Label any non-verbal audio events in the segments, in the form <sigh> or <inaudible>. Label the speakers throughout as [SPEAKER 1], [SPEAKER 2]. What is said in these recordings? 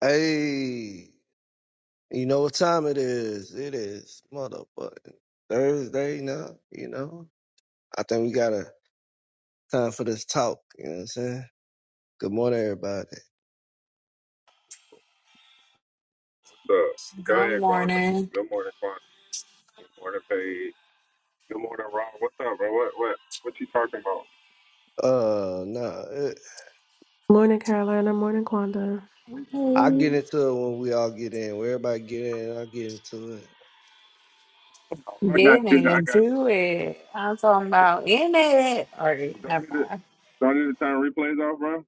[SPEAKER 1] Hey, you know what time it is? It is motherfucking Thursday now, you know? I think we got a time for this talk, you know what I'm saying? Good morning, everybody.
[SPEAKER 2] So go
[SPEAKER 3] Good
[SPEAKER 2] ahead, Gwanda.
[SPEAKER 3] morning.
[SPEAKER 2] Good morning, Gwanda. Good morning, Paige. Good morning, Rob. What's up, bro? What what what you talking about?
[SPEAKER 1] Uh, nah, it,
[SPEAKER 4] Morning, Carolina. Morning, Kwanda.
[SPEAKER 1] I get
[SPEAKER 3] Mhm.
[SPEAKER 1] into it when we all get in. When everybody get in, I get into it.
[SPEAKER 2] Oh, I got
[SPEAKER 3] Get
[SPEAKER 2] you. I got
[SPEAKER 3] into it. I'm talking about in it. Or
[SPEAKER 2] you. Do I need
[SPEAKER 3] never
[SPEAKER 2] to
[SPEAKER 3] mind.
[SPEAKER 2] do I need to turn replays off, bro?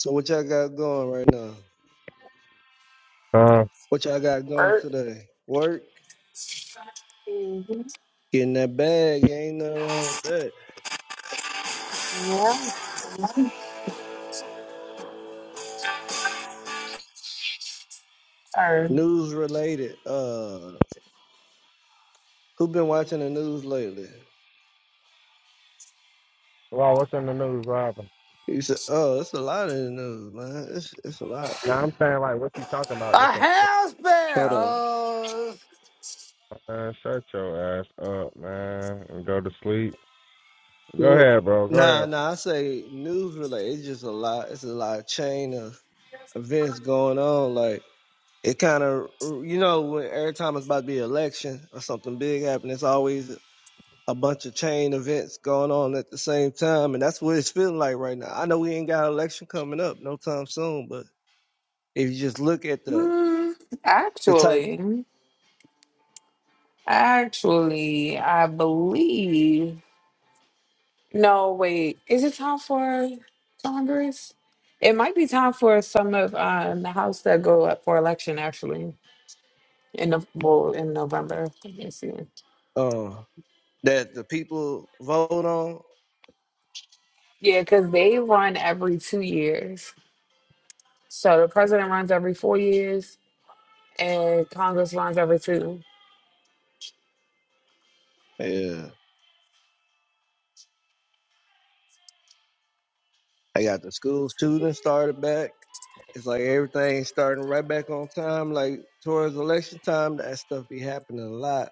[SPEAKER 1] So what y'all got going right now? What y'all got going
[SPEAKER 3] Work.
[SPEAKER 1] today? Work?
[SPEAKER 3] Mhm.
[SPEAKER 1] Getting that bag, ain't nothing wrong with that.
[SPEAKER 3] Yeah. Or
[SPEAKER 1] News related. Uh, who been watching the news lately?
[SPEAKER 2] Well, what's in the news, Robin?
[SPEAKER 1] He said, "Oh, it's a lot of the news, man. It's it's a lot.
[SPEAKER 2] Now I'm saying like, what you talking about?
[SPEAKER 5] A
[SPEAKER 2] That's a,
[SPEAKER 5] house
[SPEAKER 1] Hold on.
[SPEAKER 5] sparrow
[SPEAKER 2] man, shut your ass up, man, and go to sleep. Go
[SPEAKER 1] Look.
[SPEAKER 2] ahead, bro. Go
[SPEAKER 1] Nah,
[SPEAKER 2] ahead.
[SPEAKER 1] nah. I say news related. It's just a lot. It's a lot of chain of events going on. Like it kind of, you know, when every time it's about to be an election or something big happening, it's always a bunch of chain events going on at the same time, and that's what it's feeling like right now. I know we ain't got an election coming up no time soon, but if you just look at the
[SPEAKER 3] mm,
[SPEAKER 1] the type
[SPEAKER 3] actually, actually, I believe. No, wait. Is it time for Congress? It might be time for some of um, the House that go up for election. Actually, in the well, in November. Let me see.
[SPEAKER 1] uh, that the people vote on,
[SPEAKER 3] Yeah, because they run every two years. So the president runs every four years, and Congress runs every two.
[SPEAKER 1] yeah." I got the school shooting started back. It's like everything's starting right back on time. Like towards election time, that stuff be happening a lot.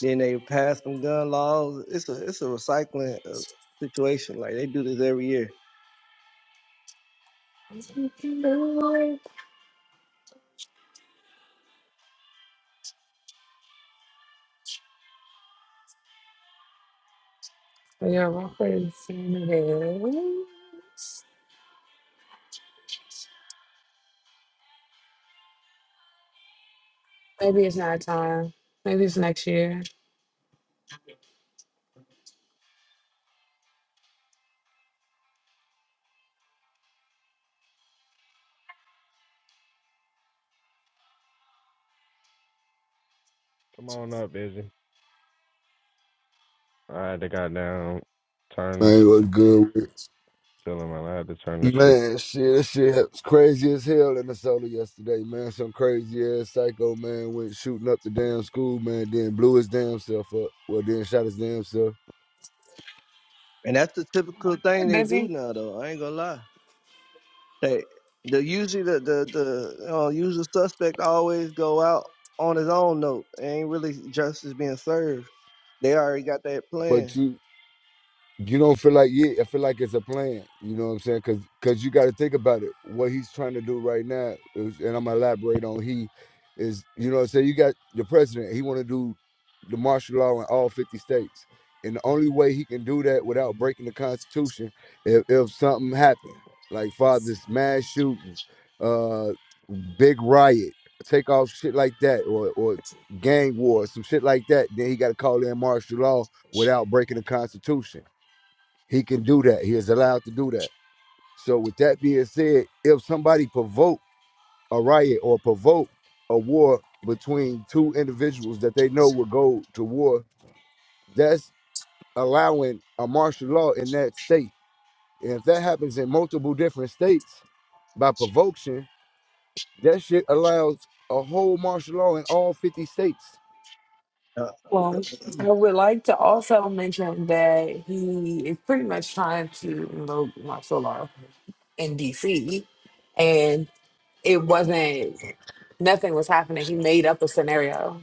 [SPEAKER 1] Then they pass some gun laws. It's a it's a recycling uh, situation. Like they do this every year,
[SPEAKER 3] You're representing Maybe it's not time. Maybe it's next year.
[SPEAKER 2] Come on up, busy. I had to goddamn turn this
[SPEAKER 6] Man,
[SPEAKER 2] shit.
[SPEAKER 6] what's good? with
[SPEAKER 2] Tell him I had to turn this shit.
[SPEAKER 6] Man, shit, that shit was crazy as hell in Minnesota yesterday, man. Some crazy ass psycho man went shooting up the damn school, man. Then blew his damn self up. Well, then shot his damn self.
[SPEAKER 1] and that's the typical
[SPEAKER 3] Hey,
[SPEAKER 1] thing they do
[SPEAKER 3] busy.
[SPEAKER 1] now. Though I ain't gonna lie, they the usually the the the uh, usual suspect always go out on his own note. It ain't really justice being served. They already got that
[SPEAKER 6] But
[SPEAKER 1] plan.
[SPEAKER 6] you, you don't feel like yeah, I feel like it's a plan. You know what I'm saying? Cause, cause you got to think about it. What he's trying to do right now, is, and I'm gonna elaborate on he is. You know what I'm saying? You got the president. He want to do the martial law in all 50 states, and the only way he can do that without breaking the Constitution, if, if something happened, like father's mass shooting, uh, big riot, take off shit like that, or or gang war, some shit like that, then he got to call in martial law without breaking the Constitution he can do that. He is allowed to do that. So with that being said, if somebody provoke a riot or provoke a war between two individuals that they know will go to war, that's allowing a martial law in that state. And if that happens in multiple different states by provocation, that shit allows a whole martial law in all 50 states.
[SPEAKER 3] Well, I would like to also mention that he is pretty much trying to invoke martial law in DC, and it wasn't. Nothing was happening. He made up a scenario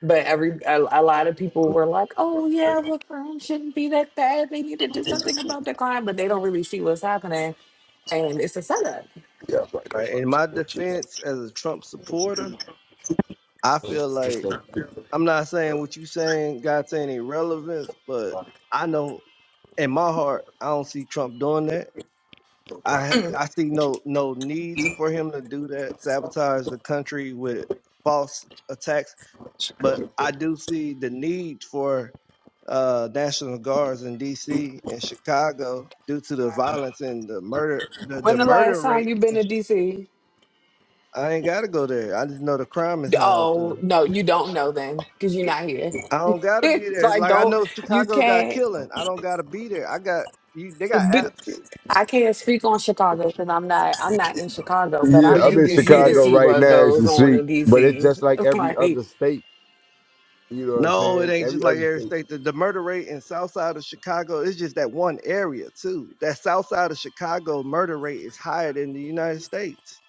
[SPEAKER 3] But every a, a lot of people were like, "Oh yeah, the crime shouldn't be that bad. They need to do something about the crime," but they don't really see what's happening, and it's a setup.
[SPEAKER 1] Right. In my defense as a Trump supporter, I feel like I'm not saying what you saying got any relevance, but I know in my heart I don't see Trump doing that. I
[SPEAKER 3] Mm.
[SPEAKER 1] I see no no needs for him to do that, sabotage the country with false attacks. But I do see the need for uh National Guards in DC and Chicago due to the violence and the murder the,
[SPEAKER 3] When
[SPEAKER 1] the
[SPEAKER 3] the last
[SPEAKER 1] murder
[SPEAKER 3] time
[SPEAKER 1] rate
[SPEAKER 3] you've been
[SPEAKER 1] in
[SPEAKER 3] to DC?
[SPEAKER 1] I ain't gotta go there. I just know the crime is high up there.
[SPEAKER 3] Oh no, you don't know then, because you're not here.
[SPEAKER 1] I don't gotta
[SPEAKER 3] <laughs>
[SPEAKER 1] be there.
[SPEAKER 3] like,
[SPEAKER 1] Like I
[SPEAKER 3] don't
[SPEAKER 1] know
[SPEAKER 3] you
[SPEAKER 1] Chicago got
[SPEAKER 3] can't.
[SPEAKER 1] killing. I don't gotta be there. I got you. They got
[SPEAKER 3] But
[SPEAKER 1] apps,
[SPEAKER 3] I can't speak on Chicago because I'm not I'm not in Chicago, but
[SPEAKER 6] Yeah,
[SPEAKER 3] I'm
[SPEAKER 1] but
[SPEAKER 6] I'm
[SPEAKER 1] you
[SPEAKER 3] in
[SPEAKER 6] in
[SPEAKER 1] can
[SPEAKER 3] DC to
[SPEAKER 1] hear
[SPEAKER 6] Chicago
[SPEAKER 1] it.
[SPEAKER 3] see
[SPEAKER 6] right now
[SPEAKER 3] what
[SPEAKER 6] as you
[SPEAKER 3] goes on
[SPEAKER 6] see,
[SPEAKER 3] in
[SPEAKER 6] but it's
[SPEAKER 3] DC.
[SPEAKER 6] just
[SPEAKER 3] <laughs>
[SPEAKER 6] like every
[SPEAKER 3] like.
[SPEAKER 6] other
[SPEAKER 3] mm,
[SPEAKER 6] state. You know what I'm
[SPEAKER 1] No, it
[SPEAKER 6] saying?
[SPEAKER 1] ain't just
[SPEAKER 6] Every
[SPEAKER 1] like
[SPEAKER 6] other
[SPEAKER 1] every
[SPEAKER 6] state.
[SPEAKER 1] state. The, the murder rate in South Side of Chicago is just that one area too. That South Side of Chicago murder rate is higher than the United States.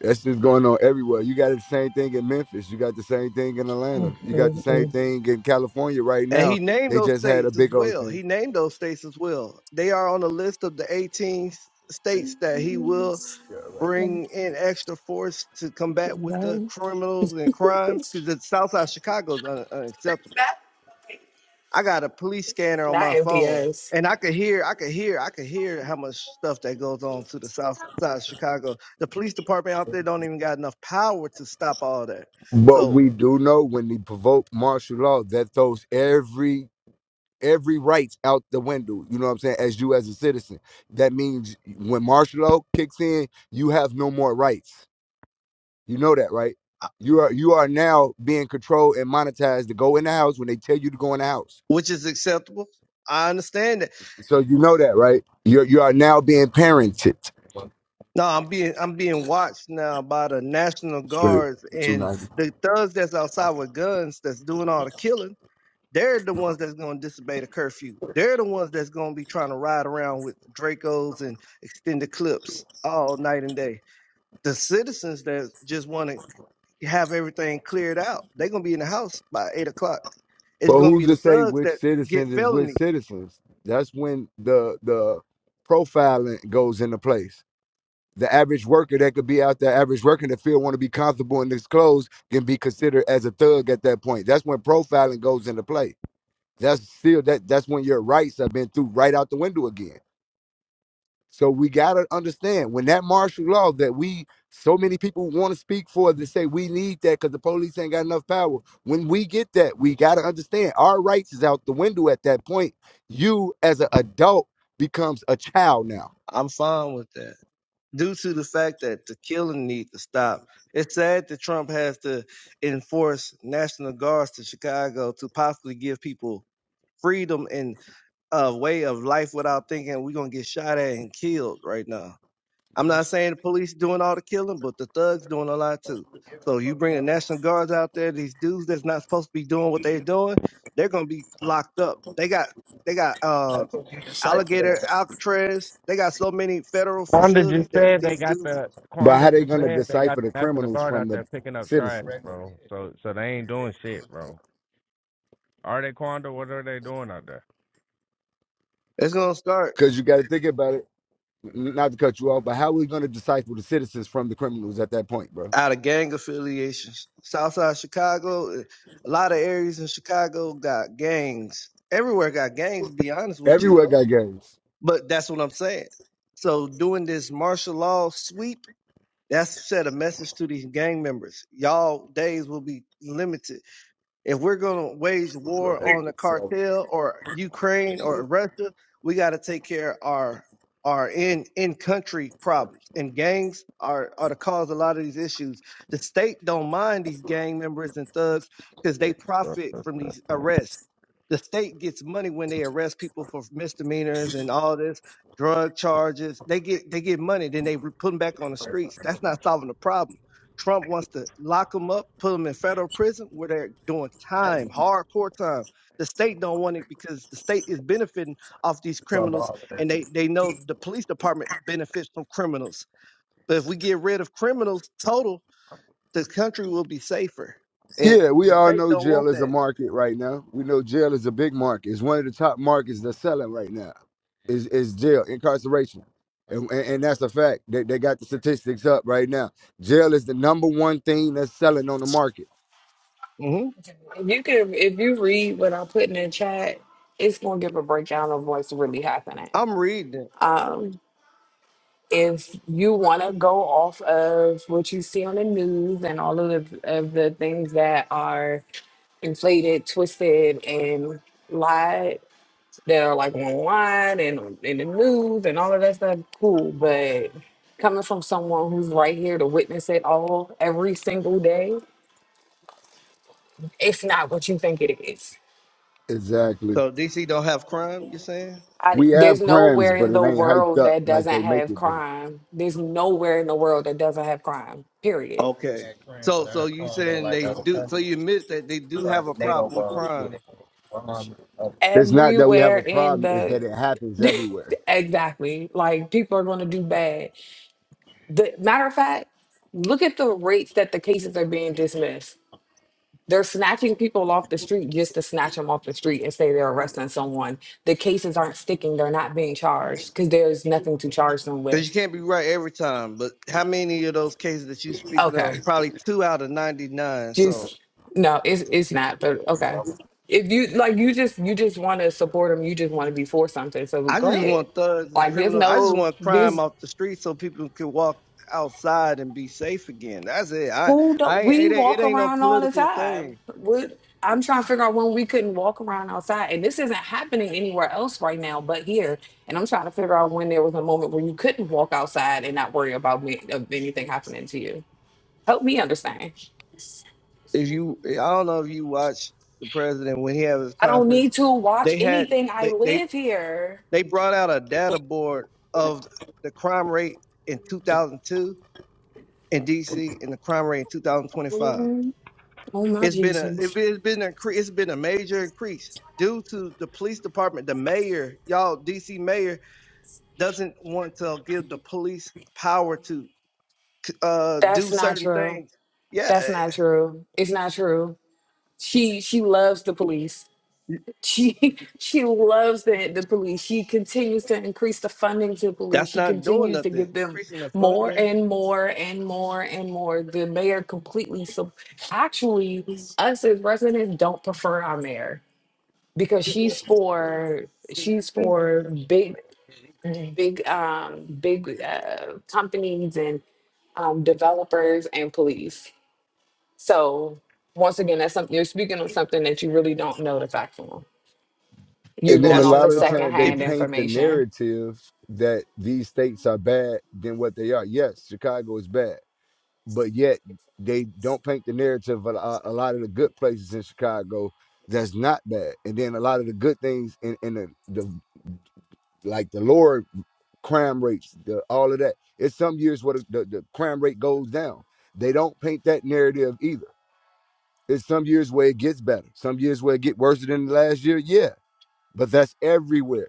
[SPEAKER 6] That's just going on everywhere. You got the same thing in Memphis. You got the same thing in Atlanta. You got the same
[SPEAKER 3] mm,
[SPEAKER 6] thing in California right
[SPEAKER 1] And
[SPEAKER 6] now.
[SPEAKER 1] he named
[SPEAKER 6] They
[SPEAKER 1] those
[SPEAKER 6] just had a
[SPEAKER 1] states as
[SPEAKER 6] big old
[SPEAKER 1] well.
[SPEAKER 6] thing.
[SPEAKER 1] He named those states as well. They are on the list of the 18 s- states that he will
[SPEAKER 6] Yeah, right.
[SPEAKER 1] bring in extra force to combat with the
[SPEAKER 3] mm.
[SPEAKER 1] criminals and crime because the south side of chicago is un- unacceptable
[SPEAKER 3] Not,
[SPEAKER 1] i got a police scanner on
[SPEAKER 3] not
[SPEAKER 1] my phone
[SPEAKER 3] MPS.
[SPEAKER 1] and i could hear i could hear i could hear how much stuff that goes on to the south side of chicago the police department out there don't even got enough power to stop all that
[SPEAKER 6] But
[SPEAKER 1] so
[SPEAKER 6] we do know when they provoke martial law, that throws every every rights out the window. You know what I'm saying? As you as a citizen, that means when martial law kicks in, you have no more rights. You know that, right?
[SPEAKER 1] I-
[SPEAKER 6] You are you are now being controlled and monetized to go in the house when they tell you to go in the house.
[SPEAKER 1] which is acceptable i understand that
[SPEAKER 6] So you know that, right? You're, you are now being parented.
[SPEAKER 1] no i'm being i'm being watched now by the national
[SPEAKER 6] Straight
[SPEAKER 1] guards
[SPEAKER 6] for two
[SPEAKER 1] and
[SPEAKER 6] ninety.
[SPEAKER 1] the thugs that's outside with guns that's doing all the killing They're the ones that's going to disobey the curfew. They're the ones that's going to be trying to ride around with Dracos and extended clips all night and day. The citizens that just want to have everything cleared out, they're going to be in the house by eight o'clock. It's
[SPEAKER 6] But
[SPEAKER 1] going to be
[SPEAKER 6] who's
[SPEAKER 1] the
[SPEAKER 6] to say
[SPEAKER 1] thugs
[SPEAKER 6] which
[SPEAKER 1] that get
[SPEAKER 6] citizens is which
[SPEAKER 1] felonies.
[SPEAKER 6] citizens? That's when the the profiling goes into place. The average worker that could be out there, average worker in the field, want to be comfortable in his clothes, can be considered as a thug at that point. That's when profiling goes into play. That's still that. That's when your rights have been through right out the window again. So we gotta understand when that martial law that we so many people want to speak for to say we need that because the police ain't got enough power. When we get that, we gotta understand our rights is out the window at that point. You as an adult becomes a child now.
[SPEAKER 1] I'm fine with that. Due to the fact that the killing needs to stop. It's sad that Trump has to enforce National Guards to Chicago to possibly give people freedom and. a way of life without thinking we're gonna get shot at and killed right now. I'm not saying the police doing all the killing, but the thugs doing a lot too. So you bring the National Guards out there, these dudes that's not supposed to be doing what they're doing, they're gonna be locked up. They got they got uh alligator Alcatraz. They got so many federal
[SPEAKER 2] Quanda
[SPEAKER 1] facilities
[SPEAKER 2] just
[SPEAKER 1] that
[SPEAKER 2] said they
[SPEAKER 1] these
[SPEAKER 2] got
[SPEAKER 1] dudes
[SPEAKER 2] the
[SPEAKER 6] But
[SPEAKER 2] Quanda
[SPEAKER 6] how they
[SPEAKER 2] just
[SPEAKER 6] gonna
[SPEAKER 2] said they got
[SPEAKER 6] decipher the
[SPEAKER 2] the National
[SPEAKER 6] criminals
[SPEAKER 2] Guard
[SPEAKER 6] from
[SPEAKER 2] out
[SPEAKER 6] the
[SPEAKER 2] there picking up trash,
[SPEAKER 6] citizens?
[SPEAKER 2] bro. So so they ain't doing shit, bro. Are they Quanda? What are they doing out there?
[SPEAKER 1] it's gonna start
[SPEAKER 6] Because you gotta think about it. n- Not to cut you off, but how we gonna decipher the citizens from the criminals at that point, bro?
[SPEAKER 1] out of gang affiliations. Southside Chicago, eh, a lot of areas in Chicago got gangs. Everywhere got gangs. To be honest with you
[SPEAKER 6] Everywhere
[SPEAKER 1] though
[SPEAKER 6] got gangs.
[SPEAKER 1] But that's what I'm saying. So doing this martial law sweep, that's set a message to these gang members. Y'all days will be limited if we're going to wage war on the cartel or Ukraine or Russia, we got to take care of our our in in country problems. And gangs are are the cause of a lot of these issues. The state don't mind these gang members and thugs because
[SPEAKER 2] Yeah,
[SPEAKER 1] they
[SPEAKER 2] bro.
[SPEAKER 1] profit from these arrests. The state gets money when they arrest people for misdemeanors and all this drug charges. They get they get money, then they re- put them back on the streets. That's not solving the problem Trump wants to lock them up, put them in federal prison where they're doing time, hardcore time. The state don't want it because the state is benefiting off these criminals, and they they know the police department benefits from criminals. But if we get rid of criminals total, the country will be safer, and
[SPEAKER 6] Yeah, we
[SPEAKER 1] the
[SPEAKER 6] all
[SPEAKER 1] state
[SPEAKER 6] know
[SPEAKER 1] don't
[SPEAKER 6] jail
[SPEAKER 1] want
[SPEAKER 6] is a
[SPEAKER 1] that.
[SPEAKER 6] market right now. We know jail is a big market. It's one of the top markets that's selling right now. Is is jail incarceration, and, and and that's a fact. They they got the statistics up right now. Jail is the number one thing that's selling on the market.
[SPEAKER 1] hmm
[SPEAKER 3] You can, if you read what I put in the chat, it's gonna give a breakdown of what's really happening.
[SPEAKER 1] I'm reading it.
[SPEAKER 3] Um, if you want to go off of what you see on the news and all of the of the things that are inflated, twisted, and lied, that are like online and in the news and all of that stuff, cool. But coming from someone who's right here to witness it all every single day, it's not what you think it is
[SPEAKER 6] Exactly.
[SPEAKER 1] So DC don't have crime. You're saying?
[SPEAKER 3] I,
[SPEAKER 6] We have
[SPEAKER 3] there's
[SPEAKER 6] crimes,
[SPEAKER 3] nowhere
[SPEAKER 6] but
[SPEAKER 3] in
[SPEAKER 6] it
[SPEAKER 3] the
[SPEAKER 6] ain't hyped
[SPEAKER 3] world
[SPEAKER 6] up
[SPEAKER 3] that
[SPEAKER 6] like
[SPEAKER 3] doesn't
[SPEAKER 6] they make
[SPEAKER 3] have
[SPEAKER 6] it do.
[SPEAKER 3] crime. There's nowhere in the world that doesn't have crime. Period.
[SPEAKER 1] Okay. So so you saying they do? So you admit that they do have a problem with crime?
[SPEAKER 6] It's not that we have
[SPEAKER 3] Everywhere
[SPEAKER 6] a
[SPEAKER 3] in
[SPEAKER 6] problem. It's that
[SPEAKER 3] the
[SPEAKER 6] it happens
[SPEAKER 3] <laughs>
[SPEAKER 6] everywhere.
[SPEAKER 3] exactly like people are going to do bad. The matter of fact, look at the rates that the cases are being dismissed. They're snatching people off the street just to snatch them off the street and say they're arresting someone. The cases aren't sticking. They're not being charged because there's nothing to charge them
[SPEAKER 1] Because
[SPEAKER 3] with.
[SPEAKER 1] you can't be right every time. But how many of those cases that you speaking
[SPEAKER 3] Okay.
[SPEAKER 1] of? Probably two out of 99. So
[SPEAKER 3] just no it's it's not but okay if you like you just you just want to support them you just want to be for something so
[SPEAKER 1] I
[SPEAKER 3] go
[SPEAKER 1] just
[SPEAKER 3] ahead
[SPEAKER 1] want thugs and
[SPEAKER 3] like there's
[SPEAKER 1] criminals. I just
[SPEAKER 3] no
[SPEAKER 1] want crime
[SPEAKER 3] this
[SPEAKER 1] off the street so people can walk outside and be safe again. That's it. I,
[SPEAKER 3] who
[SPEAKER 1] I
[SPEAKER 3] don't
[SPEAKER 1] ain't,
[SPEAKER 3] we
[SPEAKER 1] it, ain't, it
[SPEAKER 3] walk
[SPEAKER 1] ain't no
[SPEAKER 3] around all the
[SPEAKER 1] political
[SPEAKER 3] time
[SPEAKER 1] thing.
[SPEAKER 3] what i'm trying to figure out when we couldn't walk around outside and this isn't happening anywhere else right now but here and i'm trying to figure out when there was a moment where you couldn't walk outside and not worry about me of anything happening to you help me understand
[SPEAKER 1] if you I don't know if you watch the president when he had his
[SPEAKER 3] i don't
[SPEAKER 1] conference,
[SPEAKER 3] need to watch
[SPEAKER 1] they had
[SPEAKER 3] anything i
[SPEAKER 1] they they
[SPEAKER 3] live here
[SPEAKER 1] they brought out a data board of the crime rate in 2002 in DC and the crime rate in 2025.
[SPEAKER 3] Oh my
[SPEAKER 1] It's been a it
[SPEAKER 3] Jesus.
[SPEAKER 1] been- it's been a cre- it's been a major increase due to the police department. The mayor, y'all, DC mayor doesn't want to give the police power to uh do
[SPEAKER 3] That's not
[SPEAKER 1] certain
[SPEAKER 3] true.
[SPEAKER 1] things. Yeah,
[SPEAKER 3] That's not true. It's not true. She she loves the police.
[SPEAKER 1] eh,
[SPEAKER 3] She <laughs> she loves the, the police. She continues to increase the funding to the police.
[SPEAKER 1] that's
[SPEAKER 3] She
[SPEAKER 1] not doing
[SPEAKER 3] continues to
[SPEAKER 1] nothing.
[SPEAKER 3] give
[SPEAKER 1] It's
[SPEAKER 3] them
[SPEAKER 1] increasing the
[SPEAKER 3] more
[SPEAKER 1] funding.
[SPEAKER 3] and more and more and more. The mayor completely so actually us as residents don't prefer our mayor because she's for she's for big big um big uh, companies and um, developers and police. So once again, that's something you're speaking on something that you really don't know the facts on. You're
[SPEAKER 6] And then a
[SPEAKER 3] going off
[SPEAKER 1] National
[SPEAKER 6] lot
[SPEAKER 3] of
[SPEAKER 6] of the
[SPEAKER 1] Guard.
[SPEAKER 6] time they
[SPEAKER 1] If
[SPEAKER 3] secondhand
[SPEAKER 1] you,
[SPEAKER 6] paint the
[SPEAKER 3] information.
[SPEAKER 6] narrative that these states are bad than what they are. Yes, Chicago is bad. but yet they don't paint the narrative of a, a lot of the good places in Chicago that's not bad, and then a lot of the good things in, in the, the like the lower crime rates, the all of that. It's some years where the, the, the crime rate goes down. They don't paint that narrative either. It's some years where it gets better, some years where it get worse than the last year. Yeah, but that's everywhere.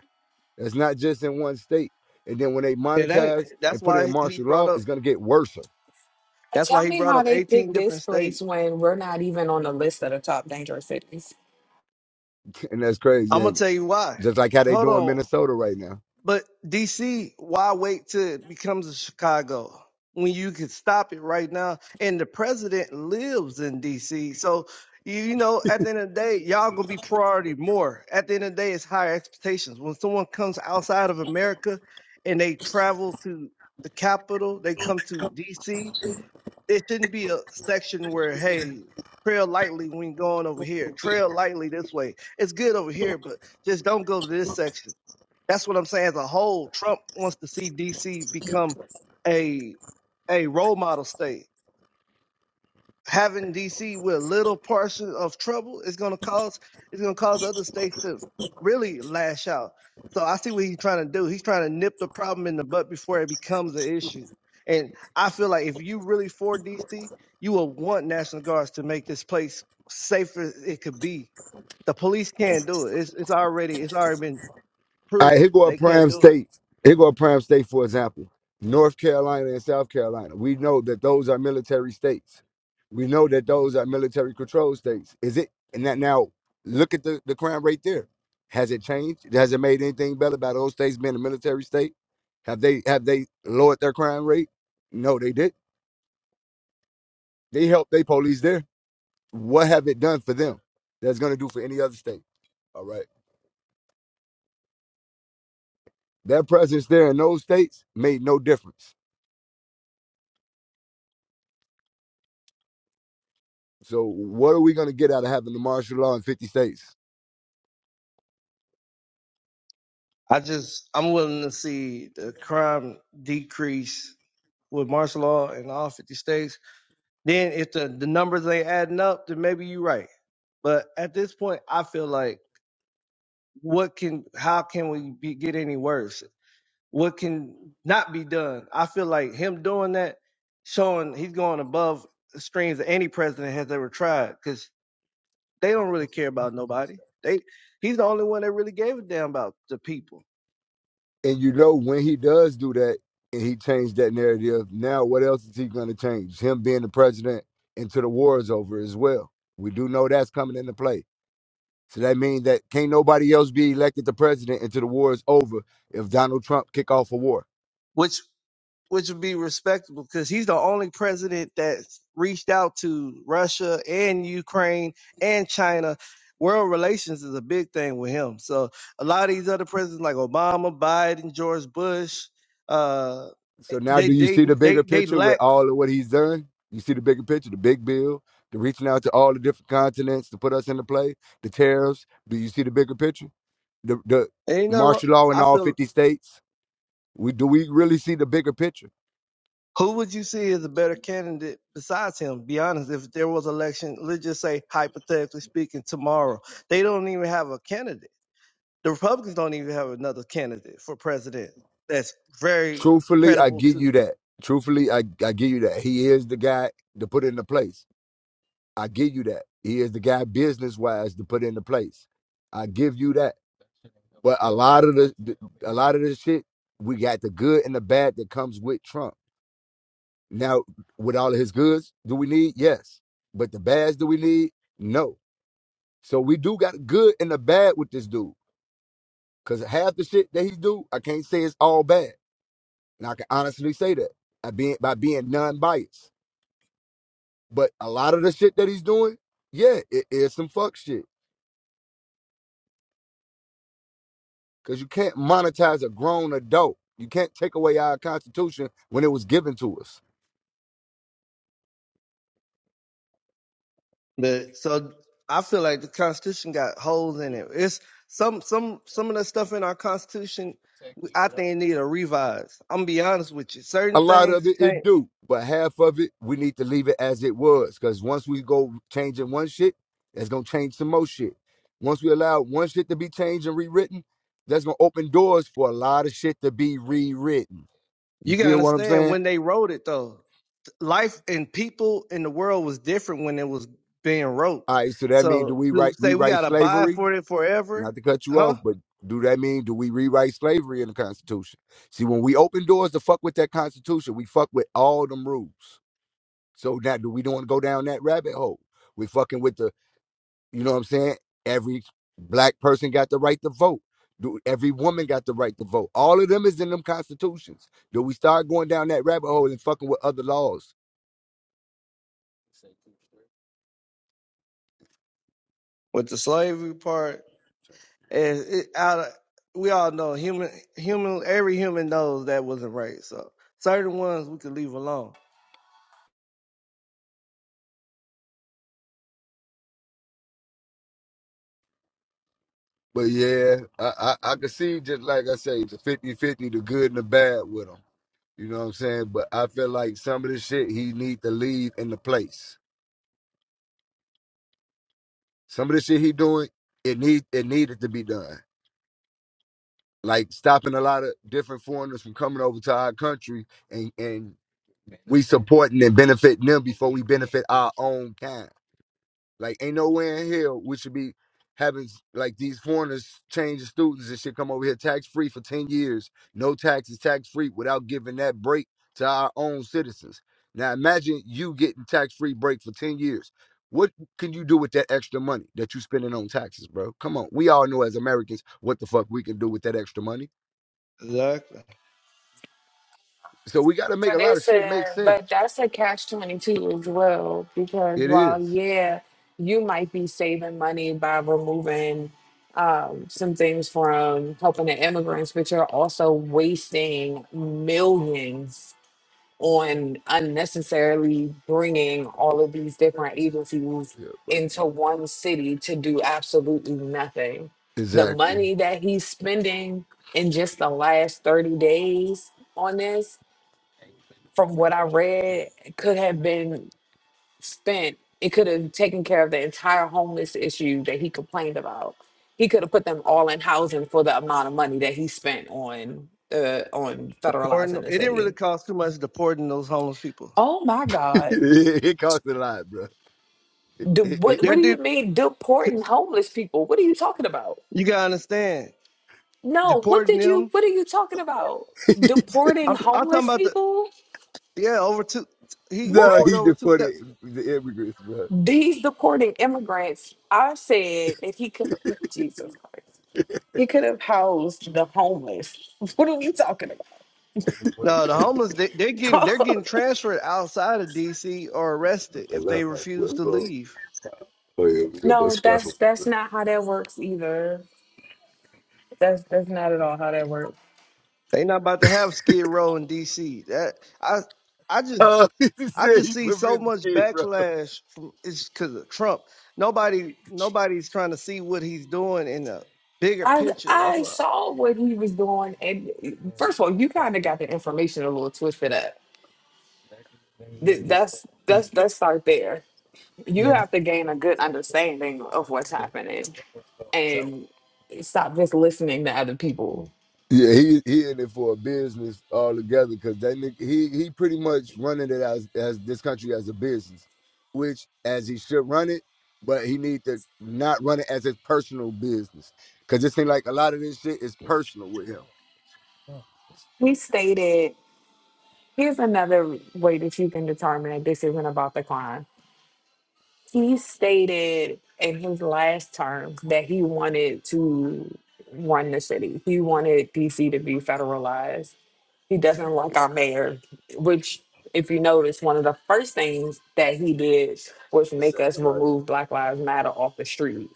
[SPEAKER 6] That's not just in one state. And then when they
[SPEAKER 1] it ain't,
[SPEAKER 6] monetize
[SPEAKER 1] that's
[SPEAKER 6] and put it in
[SPEAKER 1] why he
[SPEAKER 6] martial
[SPEAKER 1] brought
[SPEAKER 6] law,
[SPEAKER 1] up.
[SPEAKER 6] it's gonna get worse. <laughs>
[SPEAKER 3] But
[SPEAKER 1] That's
[SPEAKER 3] tell
[SPEAKER 1] why he
[SPEAKER 3] me
[SPEAKER 1] brought
[SPEAKER 3] how
[SPEAKER 1] up
[SPEAKER 3] they
[SPEAKER 1] 18
[SPEAKER 3] picked this
[SPEAKER 1] different
[SPEAKER 3] place
[SPEAKER 1] states.
[SPEAKER 3] when we're not even on the list of the top dangerous cities.
[SPEAKER 6] And that's crazy,
[SPEAKER 1] I'm gonna
[SPEAKER 6] ain't it?
[SPEAKER 1] tell you why.
[SPEAKER 6] just like how they
[SPEAKER 1] Hold
[SPEAKER 6] doing
[SPEAKER 1] on.
[SPEAKER 6] Minnesota right now.
[SPEAKER 1] But DC, why wait till it becomes a Chicago when you could stop it right now? And the president lives in DC, so you, you know at the end of the day, y'all gonna be priority more. At the end of the day, it's higher expectations. When someone comes outside of America and they travel to the capital, they come to DC It shouldn't be a section where, hey, trail lightly when going over here. Trail lightly this way. It's good over here, but just don't go to this section. That's what I'm saying. As a whole, Trump wants to see DC become a a role model state having DC with little portion of trouble is going to cause it's going to cause other states to really lash out. So I see what he's trying to do. He's trying to nip the problem in the butt before it becomes an issue. And I feel like if you really for DC, you will want National Guards to make this place safer it could be. The police can't do it. It's it's already it's already been
[SPEAKER 6] All right,
[SPEAKER 1] proven
[SPEAKER 6] here go a
[SPEAKER 1] they can't
[SPEAKER 6] prime
[SPEAKER 1] do it.
[SPEAKER 6] state. Here go a prime state, for example, North Carolina and South Carolina. We know that those are military states. We know that those are military control states. Is it? And that now, look at the, the crime rate there. Has it changed? Has it made anything better by those states being a military state? Have they have they lowered their crime rate? No, they did. They helped they police there. What have it done for them? That's gonna do for any other state. All right. That presence there in those states made no difference. So what are we going to get out of having the martial law in 50 states?
[SPEAKER 1] I just I'm willing to see the crime decrease with martial law in all 50 states Then if the, the numbers ain't adding up, then maybe you're right. But at this point, I feel like what can how can we be, get any worse? What can not be done? I feel like him doing that, showing he's going above the streams that any president has ever tried, because they don't really care about nobody. They he's the only one that really gave a damn about the people.
[SPEAKER 6] And you know, when he does do that and he changed that narrative, now what else is he going to change? Him being the president until the war is over as well. We do know that's coming into play. So that means that can't nobody else be elected the president until the war is over if Donald Trump kick off a war.
[SPEAKER 1] Which. which would be respectable because he's the only president that's reached out to Russia and Ukraine and China. World relations is a big thing with him. So a lot of these other presidents like Obama, Biden, George Bush, uh,
[SPEAKER 6] So now,
[SPEAKER 1] they
[SPEAKER 6] do you
[SPEAKER 1] they
[SPEAKER 6] see the bigger
[SPEAKER 1] they they
[SPEAKER 6] picture with
[SPEAKER 1] lack.
[SPEAKER 6] all of what he's done? You see the bigger picture, the big bill, the reaching out to all the different continents to put us into play, the tariffs. Do you see the bigger picture? The the
[SPEAKER 1] Ain't no. ro-
[SPEAKER 6] martial law in
[SPEAKER 1] I
[SPEAKER 6] all
[SPEAKER 1] feel
[SPEAKER 6] fifty states. We do we really see the bigger picture?
[SPEAKER 1] who would you see as a better candidate besides him? Be honest. If there was election, let's just say hypothetically speaking, tomorrow they don't even have a candidate. The Republicans don't even have another candidate for president that's very
[SPEAKER 6] Truthfully, I
[SPEAKER 1] credible
[SPEAKER 6] give
[SPEAKER 1] to
[SPEAKER 6] you that. Truthfully, I I give you that. He is the guy to put into place. I give you that. He is the guy business wise to put into place. I give you that. But a lot of the the- a lot of this shit, we got the good and the bad that comes with Trump Now, with all of his goods, do we need? Yes. But the bads do we need? No. So we do got good and the bad with this dude. Cause half the shit that he do, I can't say it's all bad. And I can honestly say that. I being by being non-biased. But a lot of the shit that he's doing, yeah, it is some fuck shit. Cause you can't monetize a grown adult. You can't take away our constitution when it was given to us.
[SPEAKER 1] the so I feel like the Constitution got holes in it. It's some some some of the stuff in our Constitution I think need a revise. I'm gonna be honest with you.
[SPEAKER 6] A
[SPEAKER 1] Certain
[SPEAKER 6] lot
[SPEAKER 1] things
[SPEAKER 6] of
[SPEAKER 1] you
[SPEAKER 6] it, it
[SPEAKER 1] can't
[SPEAKER 6] do, but half of it, we need to leave it as it was. Because once we go changing one shit, that's gonna change some more shit. Once we allow one shit to be changed and rewritten, that's gonna open doors for a lot of shit to be rewritten. You
[SPEAKER 1] you gotta
[SPEAKER 6] feel what I'm
[SPEAKER 1] understand
[SPEAKER 6] saying?
[SPEAKER 1] when they wrote it though. Life and people in the world was different when it was being
[SPEAKER 6] All
[SPEAKER 1] wrote.
[SPEAKER 6] right. So that means do
[SPEAKER 1] So
[SPEAKER 6] we
[SPEAKER 1] to
[SPEAKER 6] write
[SPEAKER 1] say we
[SPEAKER 6] rewrite
[SPEAKER 1] gotta buy
[SPEAKER 6] slavery?
[SPEAKER 1] for it
[SPEAKER 6] Not
[SPEAKER 1] forever,
[SPEAKER 6] to cut you off,
[SPEAKER 1] huh?
[SPEAKER 6] but do that mean do we rewrite slavery in the Constitution? See, when we open doors to fuck with that Constitution, we fuck with all them rules. So now, do we don't want to go down that rabbit hole? We fucking with the You know what I'm saying? Every black person got the right to vote. Do every woman got the right to vote? All of them is in them constitutions. Do we start going down that rabbit hole and fucking with other laws?
[SPEAKER 1] With the slavery part, And it, out of, we all know human, human, every human knows that wasn't right. So certain ones we could leave alone.
[SPEAKER 6] But yeah, I, I, I could see just like I say, the 50-50, the good and the bad with him. You know what I'm saying? But I feel like some of the shit he need to leave in the place. Some of the shit he doing, it need it needed to be done. Like stopping a lot of different foreigners from coming over to our country and and we supporting and benefiting them before we benefit our own kind. Like ain't nowhere in here we should be having like these foreigners change the students and shit come over here tax free for 10 years, no taxes, tax free without giving that break to our own citizens. Now imagine you getting tax free break for 10 years. What can you do with that extra money that you spending on taxes, bro? Come on. We all know as Americans what the fuck we can do with that extra money.
[SPEAKER 1] Exactly.
[SPEAKER 6] So we gotta make
[SPEAKER 3] But
[SPEAKER 6] a lot of
[SPEAKER 3] it's
[SPEAKER 6] shit make
[SPEAKER 3] a
[SPEAKER 6] sense.
[SPEAKER 3] but that's a catch twenty two as well because
[SPEAKER 6] It
[SPEAKER 3] while
[SPEAKER 6] is.
[SPEAKER 3] yeah, you might be saving money by removing um, some things from helping the immigrants, but you're also wasting millions on unnecessarily bringing all of these different agencies
[SPEAKER 6] Yeah, but
[SPEAKER 3] into one city to do absolutely nothing. The
[SPEAKER 6] exactly.
[SPEAKER 3] money that he's spending in just the last thirty days on this from what I read, could have been spent. It could have taken care of the entire homeless issue that he complained about. He could have put them all in housing for the amount of money that he spent on uh, on
[SPEAKER 1] Pouring,
[SPEAKER 3] federalizing the
[SPEAKER 1] it didn't really
[SPEAKER 3] city.
[SPEAKER 1] cost too much deporting those homeless people.
[SPEAKER 3] Oh my
[SPEAKER 6] <laughs>
[SPEAKER 3] God!
[SPEAKER 6] it costs a lot, bro.
[SPEAKER 3] Do,
[SPEAKER 6] It- it-
[SPEAKER 3] what what
[SPEAKER 1] They're
[SPEAKER 3] do you
[SPEAKER 1] deep.
[SPEAKER 3] mean deporting homeless people? What are you talking about?
[SPEAKER 1] You gotta understand
[SPEAKER 3] No, what
[SPEAKER 1] deporting
[SPEAKER 3] did you?
[SPEAKER 1] them.
[SPEAKER 3] What are you talking about?
[SPEAKER 6] <laughs>
[SPEAKER 3] Deporting
[SPEAKER 1] I'm, I'm talking
[SPEAKER 3] homeless
[SPEAKER 1] about the
[SPEAKER 3] people?
[SPEAKER 1] yeah over two. He
[SPEAKER 6] no,
[SPEAKER 3] What?
[SPEAKER 1] deported
[SPEAKER 6] he
[SPEAKER 1] over two. thousand.
[SPEAKER 6] deported the immigrants, bro.
[SPEAKER 3] He's deporting immigrants. I said if he could. <laughs> Jesus Christ. He could have housed the homeless. <laughs> What are we talking
[SPEAKER 1] No, the homeless they, they're getting
[SPEAKER 3] about?
[SPEAKER 1] they're getting
[SPEAKER 3] <laughs>
[SPEAKER 1] transferred outside of D.C. or arrested if they refuse
[SPEAKER 6] What,
[SPEAKER 1] to
[SPEAKER 6] bro?
[SPEAKER 1] leave.
[SPEAKER 6] Oh yeah, we got
[SPEAKER 3] no,
[SPEAKER 6] bus fly for.
[SPEAKER 3] that's that's not how that works either. That's that's not at all how that works.
[SPEAKER 1] They not about to have skid row in D.C. That I I just
[SPEAKER 6] Uh, <laughs> he
[SPEAKER 1] I
[SPEAKER 6] said
[SPEAKER 1] just
[SPEAKER 6] he
[SPEAKER 1] see
[SPEAKER 6] put
[SPEAKER 1] so
[SPEAKER 6] 50
[SPEAKER 1] much
[SPEAKER 6] kids, bro.
[SPEAKER 1] backlash from it's because of Trump. Nobody, nobody's trying to see what he's doing in the bigger
[SPEAKER 3] I
[SPEAKER 1] picture. That's
[SPEAKER 3] I
[SPEAKER 1] why
[SPEAKER 3] saw what he was doing, and first of all, you kind of got the information a little twisted up. Th- That's that's let's start there. You have to gain a good understanding of what's happening and stop just listening to other people.
[SPEAKER 6] Yeah, he he in it for a business altogether because that nigga, he he pretty much running it as as this country as a business, which as he should run it, but he need to not run it as his personal business because it seems like a lot of this shit is personal with him.
[SPEAKER 3] He stated, "Here's another way that you can determine that this isn't about the crime." he stated in his last term that he wanted to run the city. He wanted DC to be federalized. He doesn't like our mayor, which, if you notice, one of the first things that he did was
[SPEAKER 6] The
[SPEAKER 3] make us
[SPEAKER 6] second life.
[SPEAKER 3] remove Black Lives Matter off the street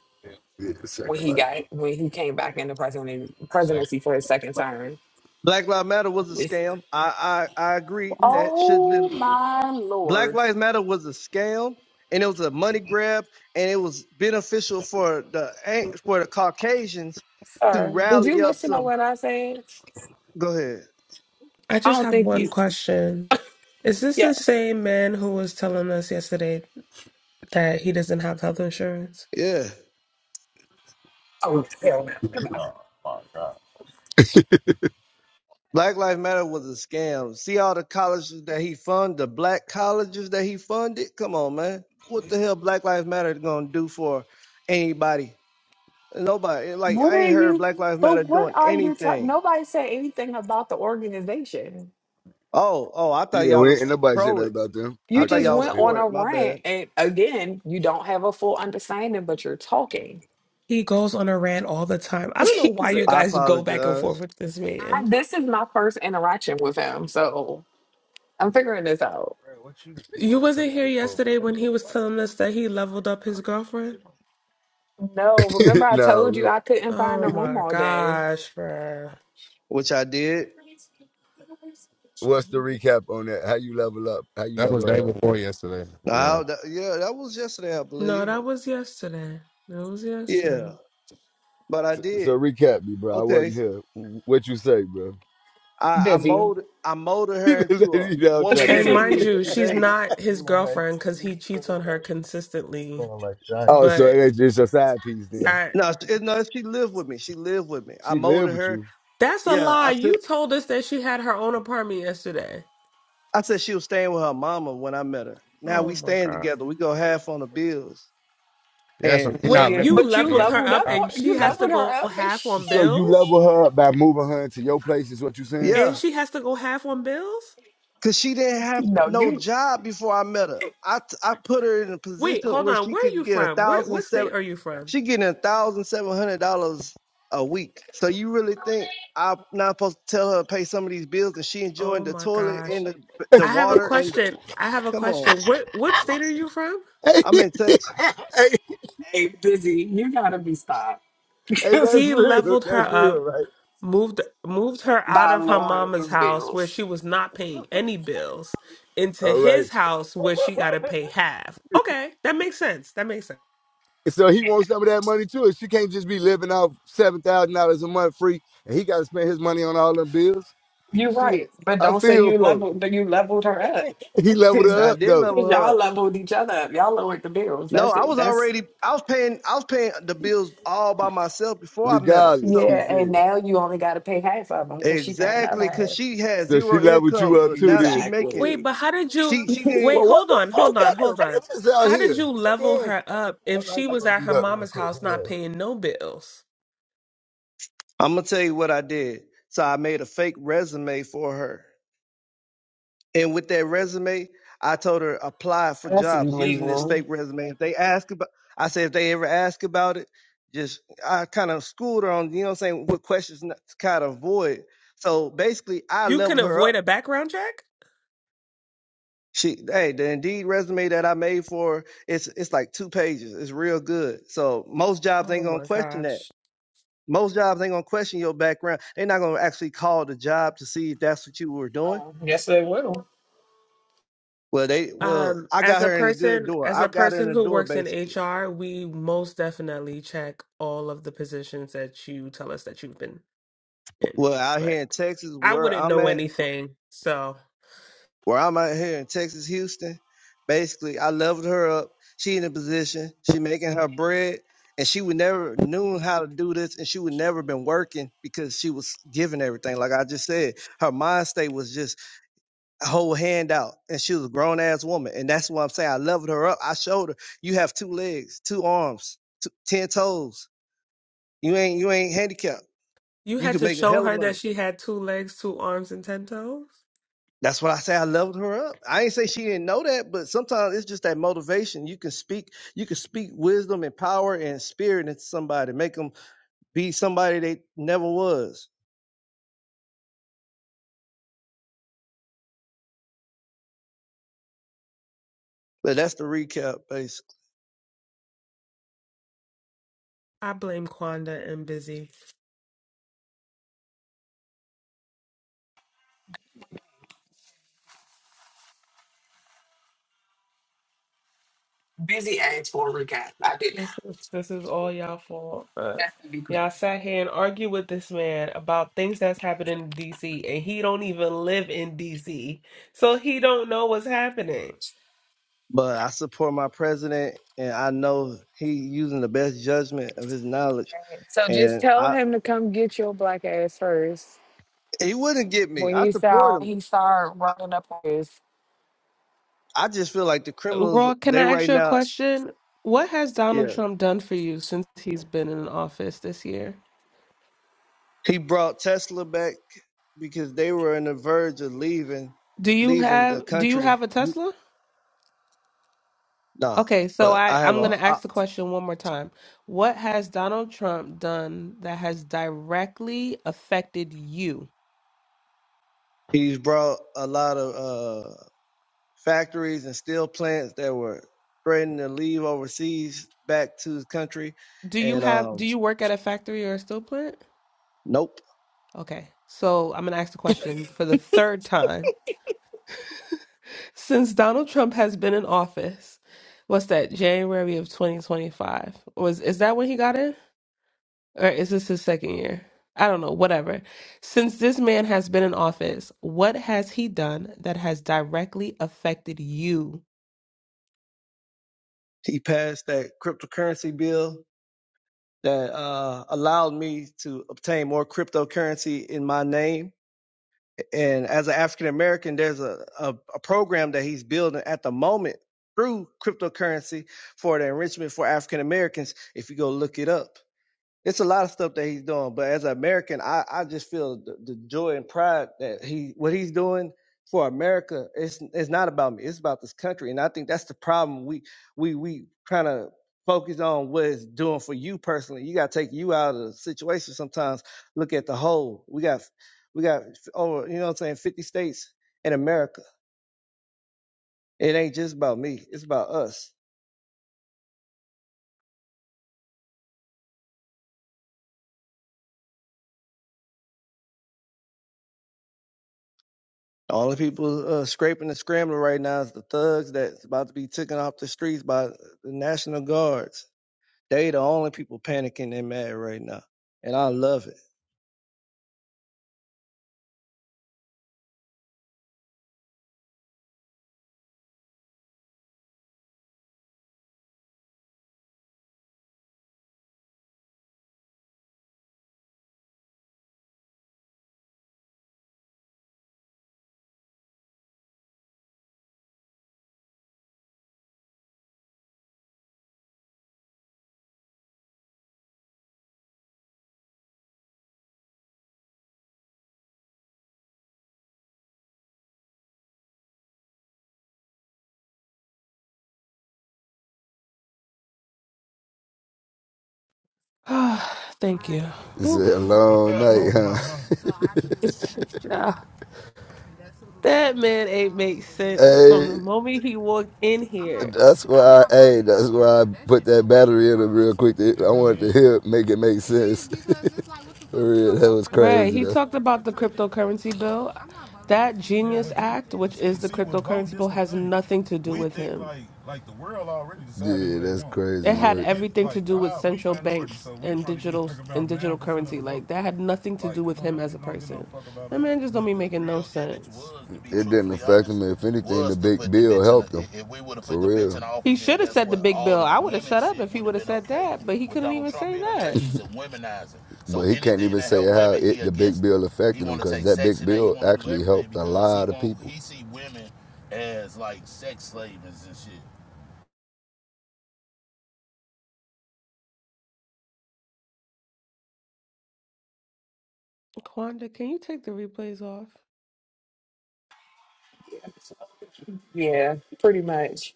[SPEAKER 6] Yeah, the
[SPEAKER 3] when
[SPEAKER 6] second
[SPEAKER 3] he
[SPEAKER 6] life.
[SPEAKER 3] got when he came back into president, presidency for his second term.
[SPEAKER 1] Black Lives Matter was a
[SPEAKER 3] It's,
[SPEAKER 1] scam. I, I, I agree that should
[SPEAKER 3] oh
[SPEAKER 1] been
[SPEAKER 3] my
[SPEAKER 1] Black
[SPEAKER 3] lord,
[SPEAKER 1] Lives Matter was a scam and it was a money grab and it was beneficial for the eh, for the Caucasians to
[SPEAKER 3] sir! Did you
[SPEAKER 1] rally up
[SPEAKER 3] listen to
[SPEAKER 1] some.
[SPEAKER 3] what I said?
[SPEAKER 1] Go ahead.
[SPEAKER 4] I
[SPEAKER 3] I
[SPEAKER 4] just
[SPEAKER 3] don't
[SPEAKER 4] have
[SPEAKER 3] think
[SPEAKER 4] one
[SPEAKER 3] you.
[SPEAKER 4] question. Is this the
[SPEAKER 3] yes.
[SPEAKER 4] same man who was telling us yesterday that he doesn't have health insurance?
[SPEAKER 1] Yeah.
[SPEAKER 3] Oh hell no! Come back.
[SPEAKER 1] Black Lives Matter was a scam. See all the colleges that he funded, the black colleges that he funded? Come on, man. What the hell Black Lives Matter gonna do for anybody? Nobody. Like
[SPEAKER 3] What
[SPEAKER 1] I
[SPEAKER 3] are
[SPEAKER 1] ain't heard of
[SPEAKER 3] you?
[SPEAKER 1] Black Lives
[SPEAKER 3] But
[SPEAKER 1] Matter
[SPEAKER 3] what
[SPEAKER 1] doing
[SPEAKER 3] are you talking?
[SPEAKER 1] anything.
[SPEAKER 3] Nobody said anything about the organization.
[SPEAKER 1] Oh, oh, I thought
[SPEAKER 6] Yeah,
[SPEAKER 1] y'all
[SPEAKER 6] we ain't, ain't
[SPEAKER 1] was
[SPEAKER 6] nobody said
[SPEAKER 1] pro
[SPEAKER 6] nothing
[SPEAKER 1] it.
[SPEAKER 6] about them.
[SPEAKER 1] I
[SPEAKER 3] You
[SPEAKER 6] Make a
[SPEAKER 1] thought
[SPEAKER 3] just
[SPEAKER 1] y'all
[SPEAKER 6] laugh
[SPEAKER 1] was
[SPEAKER 3] went
[SPEAKER 6] right
[SPEAKER 3] on
[SPEAKER 1] for
[SPEAKER 3] a
[SPEAKER 1] it. My
[SPEAKER 3] rant,
[SPEAKER 1] bad.
[SPEAKER 3] and again, you don't have a full understanding, but you're talking.
[SPEAKER 4] He goes on a rant all the time.
[SPEAKER 3] <laughs>
[SPEAKER 4] I don't know why
[SPEAKER 3] Jesus,
[SPEAKER 4] you
[SPEAKER 1] I
[SPEAKER 4] guys go back and
[SPEAKER 1] apologize.
[SPEAKER 4] forth with this
[SPEAKER 3] I,
[SPEAKER 4] man.
[SPEAKER 3] this is my first interaction with him, so I'm figuring this out.
[SPEAKER 4] You wasn't here yesterday when he was telling us that he leveled up his girlfriend?
[SPEAKER 3] No,
[SPEAKER 6] here.
[SPEAKER 3] remember
[SPEAKER 6] <laughs>
[SPEAKER 3] I
[SPEAKER 6] no,
[SPEAKER 3] told you I couldn't find
[SPEAKER 4] Oh
[SPEAKER 3] a room
[SPEAKER 4] my
[SPEAKER 3] all day.
[SPEAKER 4] gosh, bruh.
[SPEAKER 1] Which I did.
[SPEAKER 6] what's the recap on that? How you level up? How you
[SPEAKER 2] That
[SPEAKER 6] level
[SPEAKER 2] was day
[SPEAKER 6] her up, bro?
[SPEAKER 2] before yesterday. Yeah.
[SPEAKER 1] Oh, that, yeah, that was yesterday, I
[SPEAKER 4] No,
[SPEAKER 1] believe.
[SPEAKER 4] that was yesterday. It was
[SPEAKER 1] Yeah,
[SPEAKER 4] yesterday.
[SPEAKER 1] but I
[SPEAKER 6] So,
[SPEAKER 1] did.
[SPEAKER 6] so recap me, bro. I
[SPEAKER 1] Okay.
[SPEAKER 6] wasn't here. Wh- What you say, bro? <laughs>
[SPEAKER 1] I, I
[SPEAKER 3] Busy.
[SPEAKER 1] molded I molded
[SPEAKER 6] He
[SPEAKER 1] her into a
[SPEAKER 6] down
[SPEAKER 3] <laughs>
[SPEAKER 6] trying
[SPEAKER 1] woman
[SPEAKER 6] to
[SPEAKER 1] that
[SPEAKER 4] And
[SPEAKER 1] she
[SPEAKER 6] cook.
[SPEAKER 4] mind
[SPEAKER 6] <laughs>
[SPEAKER 1] is
[SPEAKER 4] you, she's
[SPEAKER 1] today.
[SPEAKER 4] not his girlfriend because he cheats on her consistently.
[SPEAKER 6] oh, so
[SPEAKER 4] But
[SPEAKER 6] it's it's a side piece then.
[SPEAKER 4] I
[SPEAKER 1] No, it- no, she lived with me. She lived with me. I
[SPEAKER 6] She live
[SPEAKER 1] molded
[SPEAKER 6] with
[SPEAKER 1] her.
[SPEAKER 6] you.
[SPEAKER 4] That's a
[SPEAKER 1] Yeah, I
[SPEAKER 4] lie.
[SPEAKER 1] took.
[SPEAKER 4] You told us that she had her own apartment yesterday.
[SPEAKER 1] I said she was staying with her mama when I met her. Now
[SPEAKER 4] Oh
[SPEAKER 1] we
[SPEAKER 4] my
[SPEAKER 1] staying
[SPEAKER 4] God.
[SPEAKER 1] together. We go half on the bills,
[SPEAKER 2] Yeah, so
[SPEAKER 1] and
[SPEAKER 2] we
[SPEAKER 4] Wait,
[SPEAKER 2] not
[SPEAKER 1] she,
[SPEAKER 2] living.
[SPEAKER 4] you
[SPEAKER 3] but you
[SPEAKER 4] leveled her
[SPEAKER 3] leveled
[SPEAKER 4] up
[SPEAKER 3] up.
[SPEAKER 4] and she
[SPEAKER 3] You
[SPEAKER 2] Yeah.
[SPEAKER 4] has to
[SPEAKER 3] leveled her
[SPEAKER 4] go
[SPEAKER 3] up, and
[SPEAKER 4] half
[SPEAKER 3] she.
[SPEAKER 4] on
[SPEAKER 6] So you
[SPEAKER 4] bills?
[SPEAKER 6] level her up by moving her into your place is what you saying?
[SPEAKER 1] yeah,
[SPEAKER 4] And she has to go half on bills?
[SPEAKER 1] cause she didn't have
[SPEAKER 3] No,
[SPEAKER 1] no
[SPEAKER 3] you.
[SPEAKER 1] job before I met her. I t- I put her in a
[SPEAKER 4] Wait,
[SPEAKER 1] position
[SPEAKER 4] hold
[SPEAKER 1] where
[SPEAKER 4] on.
[SPEAKER 1] she
[SPEAKER 4] Where are
[SPEAKER 1] could
[SPEAKER 4] you
[SPEAKER 1] get a
[SPEAKER 4] from? Where
[SPEAKER 1] thousand
[SPEAKER 4] what
[SPEAKER 1] seven.
[SPEAKER 4] state are you from?
[SPEAKER 1] She getting a thousand seven hundred dollars a week. So you really think I'm not supposed to tell her to pay some of these bills, and she enjoying
[SPEAKER 4] Oh
[SPEAKER 1] the
[SPEAKER 4] my
[SPEAKER 1] toilet
[SPEAKER 4] gosh.
[SPEAKER 1] and the the
[SPEAKER 4] I have a
[SPEAKER 1] water and the
[SPEAKER 4] question. I have a
[SPEAKER 1] come on.
[SPEAKER 4] question. What what state are you from?
[SPEAKER 6] <laughs> hey,
[SPEAKER 1] I'm in Texas.
[SPEAKER 6] hey,
[SPEAKER 3] Hey, busy, you gotta be stopped
[SPEAKER 6] hey,
[SPEAKER 3] <laughs>
[SPEAKER 6] that's
[SPEAKER 4] He
[SPEAKER 6] real.
[SPEAKER 4] leveled her
[SPEAKER 6] That's real,
[SPEAKER 4] up
[SPEAKER 6] right?
[SPEAKER 4] moved moved her out
[SPEAKER 3] by
[SPEAKER 4] of her
[SPEAKER 3] lowering your
[SPEAKER 4] mama's house where
[SPEAKER 3] bills.
[SPEAKER 4] she was not paying any bills into
[SPEAKER 6] All right.
[SPEAKER 4] his house where she got to pay half. Okay, that makes sense. That makes sense.
[SPEAKER 6] And So he wants some of that money too. And she can't just be living off seven thousand dollars a month free, and he got to spend his money on all them bills.
[SPEAKER 3] You're
[SPEAKER 6] Shit,
[SPEAKER 3] right, but
[SPEAKER 6] I
[SPEAKER 3] don't say
[SPEAKER 6] feel
[SPEAKER 3] you
[SPEAKER 6] for. Her.
[SPEAKER 3] leveled that you leveled her up,
[SPEAKER 6] He leveled
[SPEAKER 3] cause
[SPEAKER 6] her
[SPEAKER 1] I
[SPEAKER 6] up
[SPEAKER 1] did
[SPEAKER 6] though,
[SPEAKER 3] cause
[SPEAKER 1] level her
[SPEAKER 3] y'all
[SPEAKER 1] up.
[SPEAKER 3] leveled each other up. Y'all lowered the bills.
[SPEAKER 1] No,
[SPEAKER 3] That's
[SPEAKER 1] I
[SPEAKER 3] it.
[SPEAKER 1] was
[SPEAKER 3] That's
[SPEAKER 1] already I was paying I was paying the bills all by myself before I met her.
[SPEAKER 6] regardless.
[SPEAKER 1] So
[SPEAKER 6] He
[SPEAKER 3] yeah. And
[SPEAKER 6] said.
[SPEAKER 3] now you only got to pay half of them because she paying the
[SPEAKER 1] exactly
[SPEAKER 3] other
[SPEAKER 1] cause
[SPEAKER 3] half.
[SPEAKER 1] she had
[SPEAKER 6] So she
[SPEAKER 1] zero
[SPEAKER 6] leveled
[SPEAKER 1] income,
[SPEAKER 6] you up
[SPEAKER 1] but
[SPEAKER 6] too,
[SPEAKER 1] now she
[SPEAKER 6] then.
[SPEAKER 1] making
[SPEAKER 4] Wait,
[SPEAKER 3] Exactly.
[SPEAKER 4] but how did you
[SPEAKER 1] she she didn't
[SPEAKER 4] Wait,
[SPEAKER 6] But what
[SPEAKER 4] hold
[SPEAKER 6] the
[SPEAKER 4] on.
[SPEAKER 6] fuck
[SPEAKER 4] Hold on.
[SPEAKER 6] got the
[SPEAKER 4] Hold on.
[SPEAKER 6] bitches out
[SPEAKER 4] How did
[SPEAKER 6] here?
[SPEAKER 4] you level
[SPEAKER 6] Man,
[SPEAKER 4] her up if
[SPEAKER 6] I, I,
[SPEAKER 4] she
[SPEAKER 6] I
[SPEAKER 4] was
[SPEAKER 6] gotta
[SPEAKER 4] at
[SPEAKER 6] do
[SPEAKER 4] her
[SPEAKER 6] that real
[SPEAKER 4] mama's
[SPEAKER 6] quick.
[SPEAKER 4] house not
[SPEAKER 6] Hold
[SPEAKER 4] paying no bills?
[SPEAKER 1] I'm gonna tell you what I did. So I made a fake resume for her. And with that resume, I told her apply for
[SPEAKER 3] That's
[SPEAKER 1] jobs using this
[SPEAKER 3] illegal.
[SPEAKER 1] fake resume. If they ask about I said if they ever ask about it, just I kind of schooled her on, you know what I'm saying, what questions not- to kind of avoid. So basically I
[SPEAKER 4] You
[SPEAKER 1] leveled
[SPEAKER 4] can
[SPEAKER 1] her up
[SPEAKER 4] avoid a background check?
[SPEAKER 1] She, hey, the Indeed resume that I made for her, it's it's like two pages. It's real good. So most jobs ain't
[SPEAKER 4] Oh
[SPEAKER 1] gonna
[SPEAKER 4] my
[SPEAKER 1] question that.
[SPEAKER 4] gosh.
[SPEAKER 1] Most jobs ain't gonna question your background. They're not gonna actually call the job to see if that's what you were doing.
[SPEAKER 3] Um, yes, they will.
[SPEAKER 1] Well, they well,
[SPEAKER 4] Um,
[SPEAKER 1] I got
[SPEAKER 4] as a
[SPEAKER 1] her in the good
[SPEAKER 4] person,
[SPEAKER 1] door.
[SPEAKER 4] as a
[SPEAKER 1] I've got her in
[SPEAKER 4] person
[SPEAKER 1] the
[SPEAKER 4] who
[SPEAKER 1] door
[SPEAKER 4] works in
[SPEAKER 1] basically.
[SPEAKER 4] HR, we most definitely check all of the positions that you tell us that you've been And
[SPEAKER 1] Well, out here
[SPEAKER 4] but
[SPEAKER 1] in Texas,
[SPEAKER 4] I
[SPEAKER 1] where
[SPEAKER 4] wouldn't
[SPEAKER 1] I'm
[SPEAKER 4] know
[SPEAKER 1] at,
[SPEAKER 4] anything. So
[SPEAKER 1] where I'm out here in Texas, Houston, basically I leveled her up. She in a position, she making her bread, and she would never knew how to do this, and she would never been working because she was given everything. Like I just said, her mind state was just a whole handout, and she was a grown ass woman, and that's what I'm saying. I leveled her up. I showed her you have two legs, two arms, two, ten toes. You ain't you ain't handicapped.
[SPEAKER 4] you
[SPEAKER 1] You
[SPEAKER 4] had
[SPEAKER 1] can
[SPEAKER 4] to
[SPEAKER 1] make a
[SPEAKER 4] show
[SPEAKER 1] hell of
[SPEAKER 4] her
[SPEAKER 1] money.
[SPEAKER 4] that she had two legs, two arms, and ten toes.
[SPEAKER 1] That's what I say. I leveled her up. I ain't say she didn't know that, but sometimes it's just that motivation. You can speak, you can speak wisdom and power and spirit into somebody, make them be somebody they never was. But that's the recap, basically.
[SPEAKER 4] I blame Quanda and Busy.
[SPEAKER 3] Busy asked for a recap. I did not.
[SPEAKER 4] This is this is all y'all fault. But
[SPEAKER 3] That's to be
[SPEAKER 4] y'all
[SPEAKER 3] clear.
[SPEAKER 4] sat here and argued with this man about things that's happening in DC, and he don't even live in DC, so he don't know what's happening.
[SPEAKER 1] But I support my president, and I know he using the best judgment of his knowledge.
[SPEAKER 3] So just
[SPEAKER 1] And
[SPEAKER 3] tell
[SPEAKER 1] I,
[SPEAKER 3] him to come get your black ass first.
[SPEAKER 1] he wouldn't get me.
[SPEAKER 3] When
[SPEAKER 1] I
[SPEAKER 3] he
[SPEAKER 1] support
[SPEAKER 3] saw
[SPEAKER 1] him.
[SPEAKER 3] he started running up on his
[SPEAKER 1] I just feel like the criminals,
[SPEAKER 4] Raw, can
[SPEAKER 1] they
[SPEAKER 4] I ask
[SPEAKER 1] right
[SPEAKER 4] you a
[SPEAKER 1] now.
[SPEAKER 4] question? What has
[SPEAKER 1] yeah,
[SPEAKER 4] Donald Trump done for you since he's been in office this year?
[SPEAKER 1] He brought Tesla back because they were on the verge of leaving,
[SPEAKER 4] Do you
[SPEAKER 1] leaving the
[SPEAKER 4] have do you
[SPEAKER 1] country.
[SPEAKER 4] have a
[SPEAKER 1] He-
[SPEAKER 4] Tesla?
[SPEAKER 1] Nah,
[SPEAKER 4] Okay, so
[SPEAKER 1] but
[SPEAKER 4] I,
[SPEAKER 1] I have
[SPEAKER 4] I'm going
[SPEAKER 1] a.
[SPEAKER 4] to
[SPEAKER 1] I,
[SPEAKER 4] ask the question one more time. What has Donald Trump done that has directly affected you?
[SPEAKER 1] he's brought a lot of uh, factories and steel plants that were threatening to leave overseas back to his country,
[SPEAKER 4] Do you
[SPEAKER 1] and
[SPEAKER 4] have do
[SPEAKER 1] um,
[SPEAKER 4] you work at a factory or a steel plant?
[SPEAKER 1] nope,
[SPEAKER 4] Okay. So I'm going to ask the question for the third time. <laughs> Since Donald Trump has been in office, what's that, January of 2025? Was is that when he got in? or is this his second year? I don't know, whatever. Since this man has been in office, what has he done that has directly affected you?
[SPEAKER 1] he passed that cryptocurrency bill that uh, allowed me to obtain more cryptocurrency in my name and as an African American, there's a, a, a program that he's building at the moment through cryptocurrency for the enrichment for African Americans. If you go look it up, it's a lot of stuff that he's doing, but as an American, I, I just feel the, the joy and pride that he what he's doing for America. It's it's not about me. It's about this country, and I think that's the problem. We we we kind of focus on what it's doing for you personally. You got to take you out of the situation sometimes. Look at the whole. We got we got over you know what I'm saying. Fifty states in America. It ain't just about me. It's about us. All the people uh, scraping and scrambling right now is the thugs that's about to be taken off the streets by the National Guards. They the only people panicking and mad right now. And I love it.
[SPEAKER 4] <sighs> Thank
[SPEAKER 6] on.
[SPEAKER 4] you.
[SPEAKER 6] It's a
[SPEAKER 4] Oof.
[SPEAKER 6] long night,
[SPEAKER 4] God.
[SPEAKER 6] huh?
[SPEAKER 4] It's- ah. That man ain't make sense from
[SPEAKER 6] Hey.
[SPEAKER 4] the moment he walked in
[SPEAKER 6] I'm not
[SPEAKER 4] here.
[SPEAKER 6] That's why, I, hey, that's why I put that battery in it real quick. To, I wanted to hear it, make it make sense. <laughs> For real, that was
[SPEAKER 4] Bruh,
[SPEAKER 6] crazy
[SPEAKER 4] he
[SPEAKER 6] though.
[SPEAKER 4] talked about the cryptocurrency bill. That Genius Act, which is the cryptocurrency bill, has nothing to do with him.
[SPEAKER 6] Yeah, that's
[SPEAKER 4] It
[SPEAKER 6] crazy
[SPEAKER 4] had
[SPEAKER 6] work.
[SPEAKER 4] everything to do with central banks and digital and digital currency. Like that had nothing to do with him as a person. That man just don't be making no sense.
[SPEAKER 6] If For real.
[SPEAKER 4] He should have said the big bill. I would have shut up if he would have said that, but he couldn't even say that.
[SPEAKER 6] <laughs> But <laughs> bill affected
[SPEAKER 4] Quanda, can you take the replays off?
[SPEAKER 3] yeah, pretty much.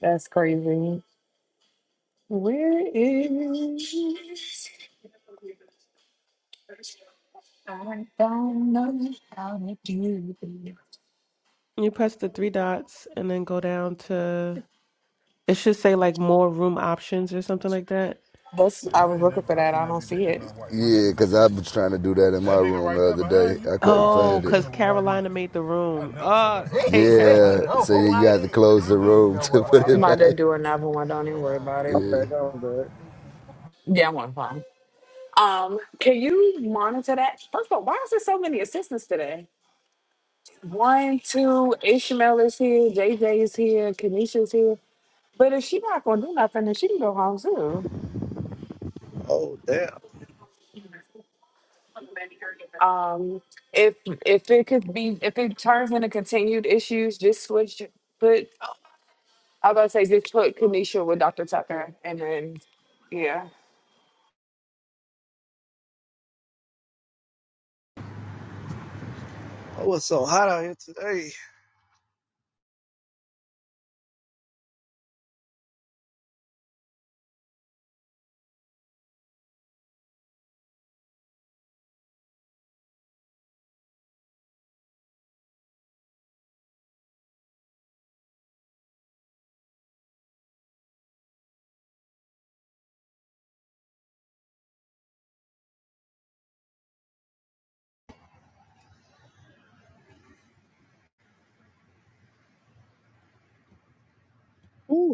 [SPEAKER 3] That's crazy. Where is I don't know how to do it.
[SPEAKER 4] You press the three dots and then go down to it should say like more room options or something like that.
[SPEAKER 3] That's I was looking for that. I don't see it.
[SPEAKER 6] Yeah, because I was trying to do that in my room the other day. I couldn't
[SPEAKER 4] Oh,
[SPEAKER 6] find it. You
[SPEAKER 4] because Carolina made the room. Oh, I
[SPEAKER 6] <laughs>
[SPEAKER 4] hate Carolina.
[SPEAKER 6] Yeah,
[SPEAKER 4] <laughs>
[SPEAKER 6] so you got to close the room to put it
[SPEAKER 3] I'm about to
[SPEAKER 6] back.
[SPEAKER 3] do another one. Don't even worry about it.
[SPEAKER 6] Yeah.
[SPEAKER 1] Back on, back.
[SPEAKER 3] Yeah, I'm on fine. Um, can you monitor that? First of all, why is there so many assistants today? One, two, Ishmael is here, JJ is here, Kanisha's here. But if she not gonna do nothing, then she can go home too.
[SPEAKER 1] Oh, damn.
[SPEAKER 3] Um, if if it could be, if it turns into continued issues, just switch. Put I was about to say just put Kanisha with Dr. Tucker, and then yeah,
[SPEAKER 1] Oh, it's so hot out here today. Ooh.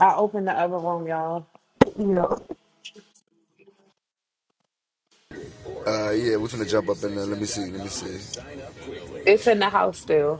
[SPEAKER 3] I opened the other room, y'all.
[SPEAKER 4] Yeah.
[SPEAKER 6] Uh, yeah, we're finna jump up in there. Let me see. Let me see.
[SPEAKER 3] It's in the house still.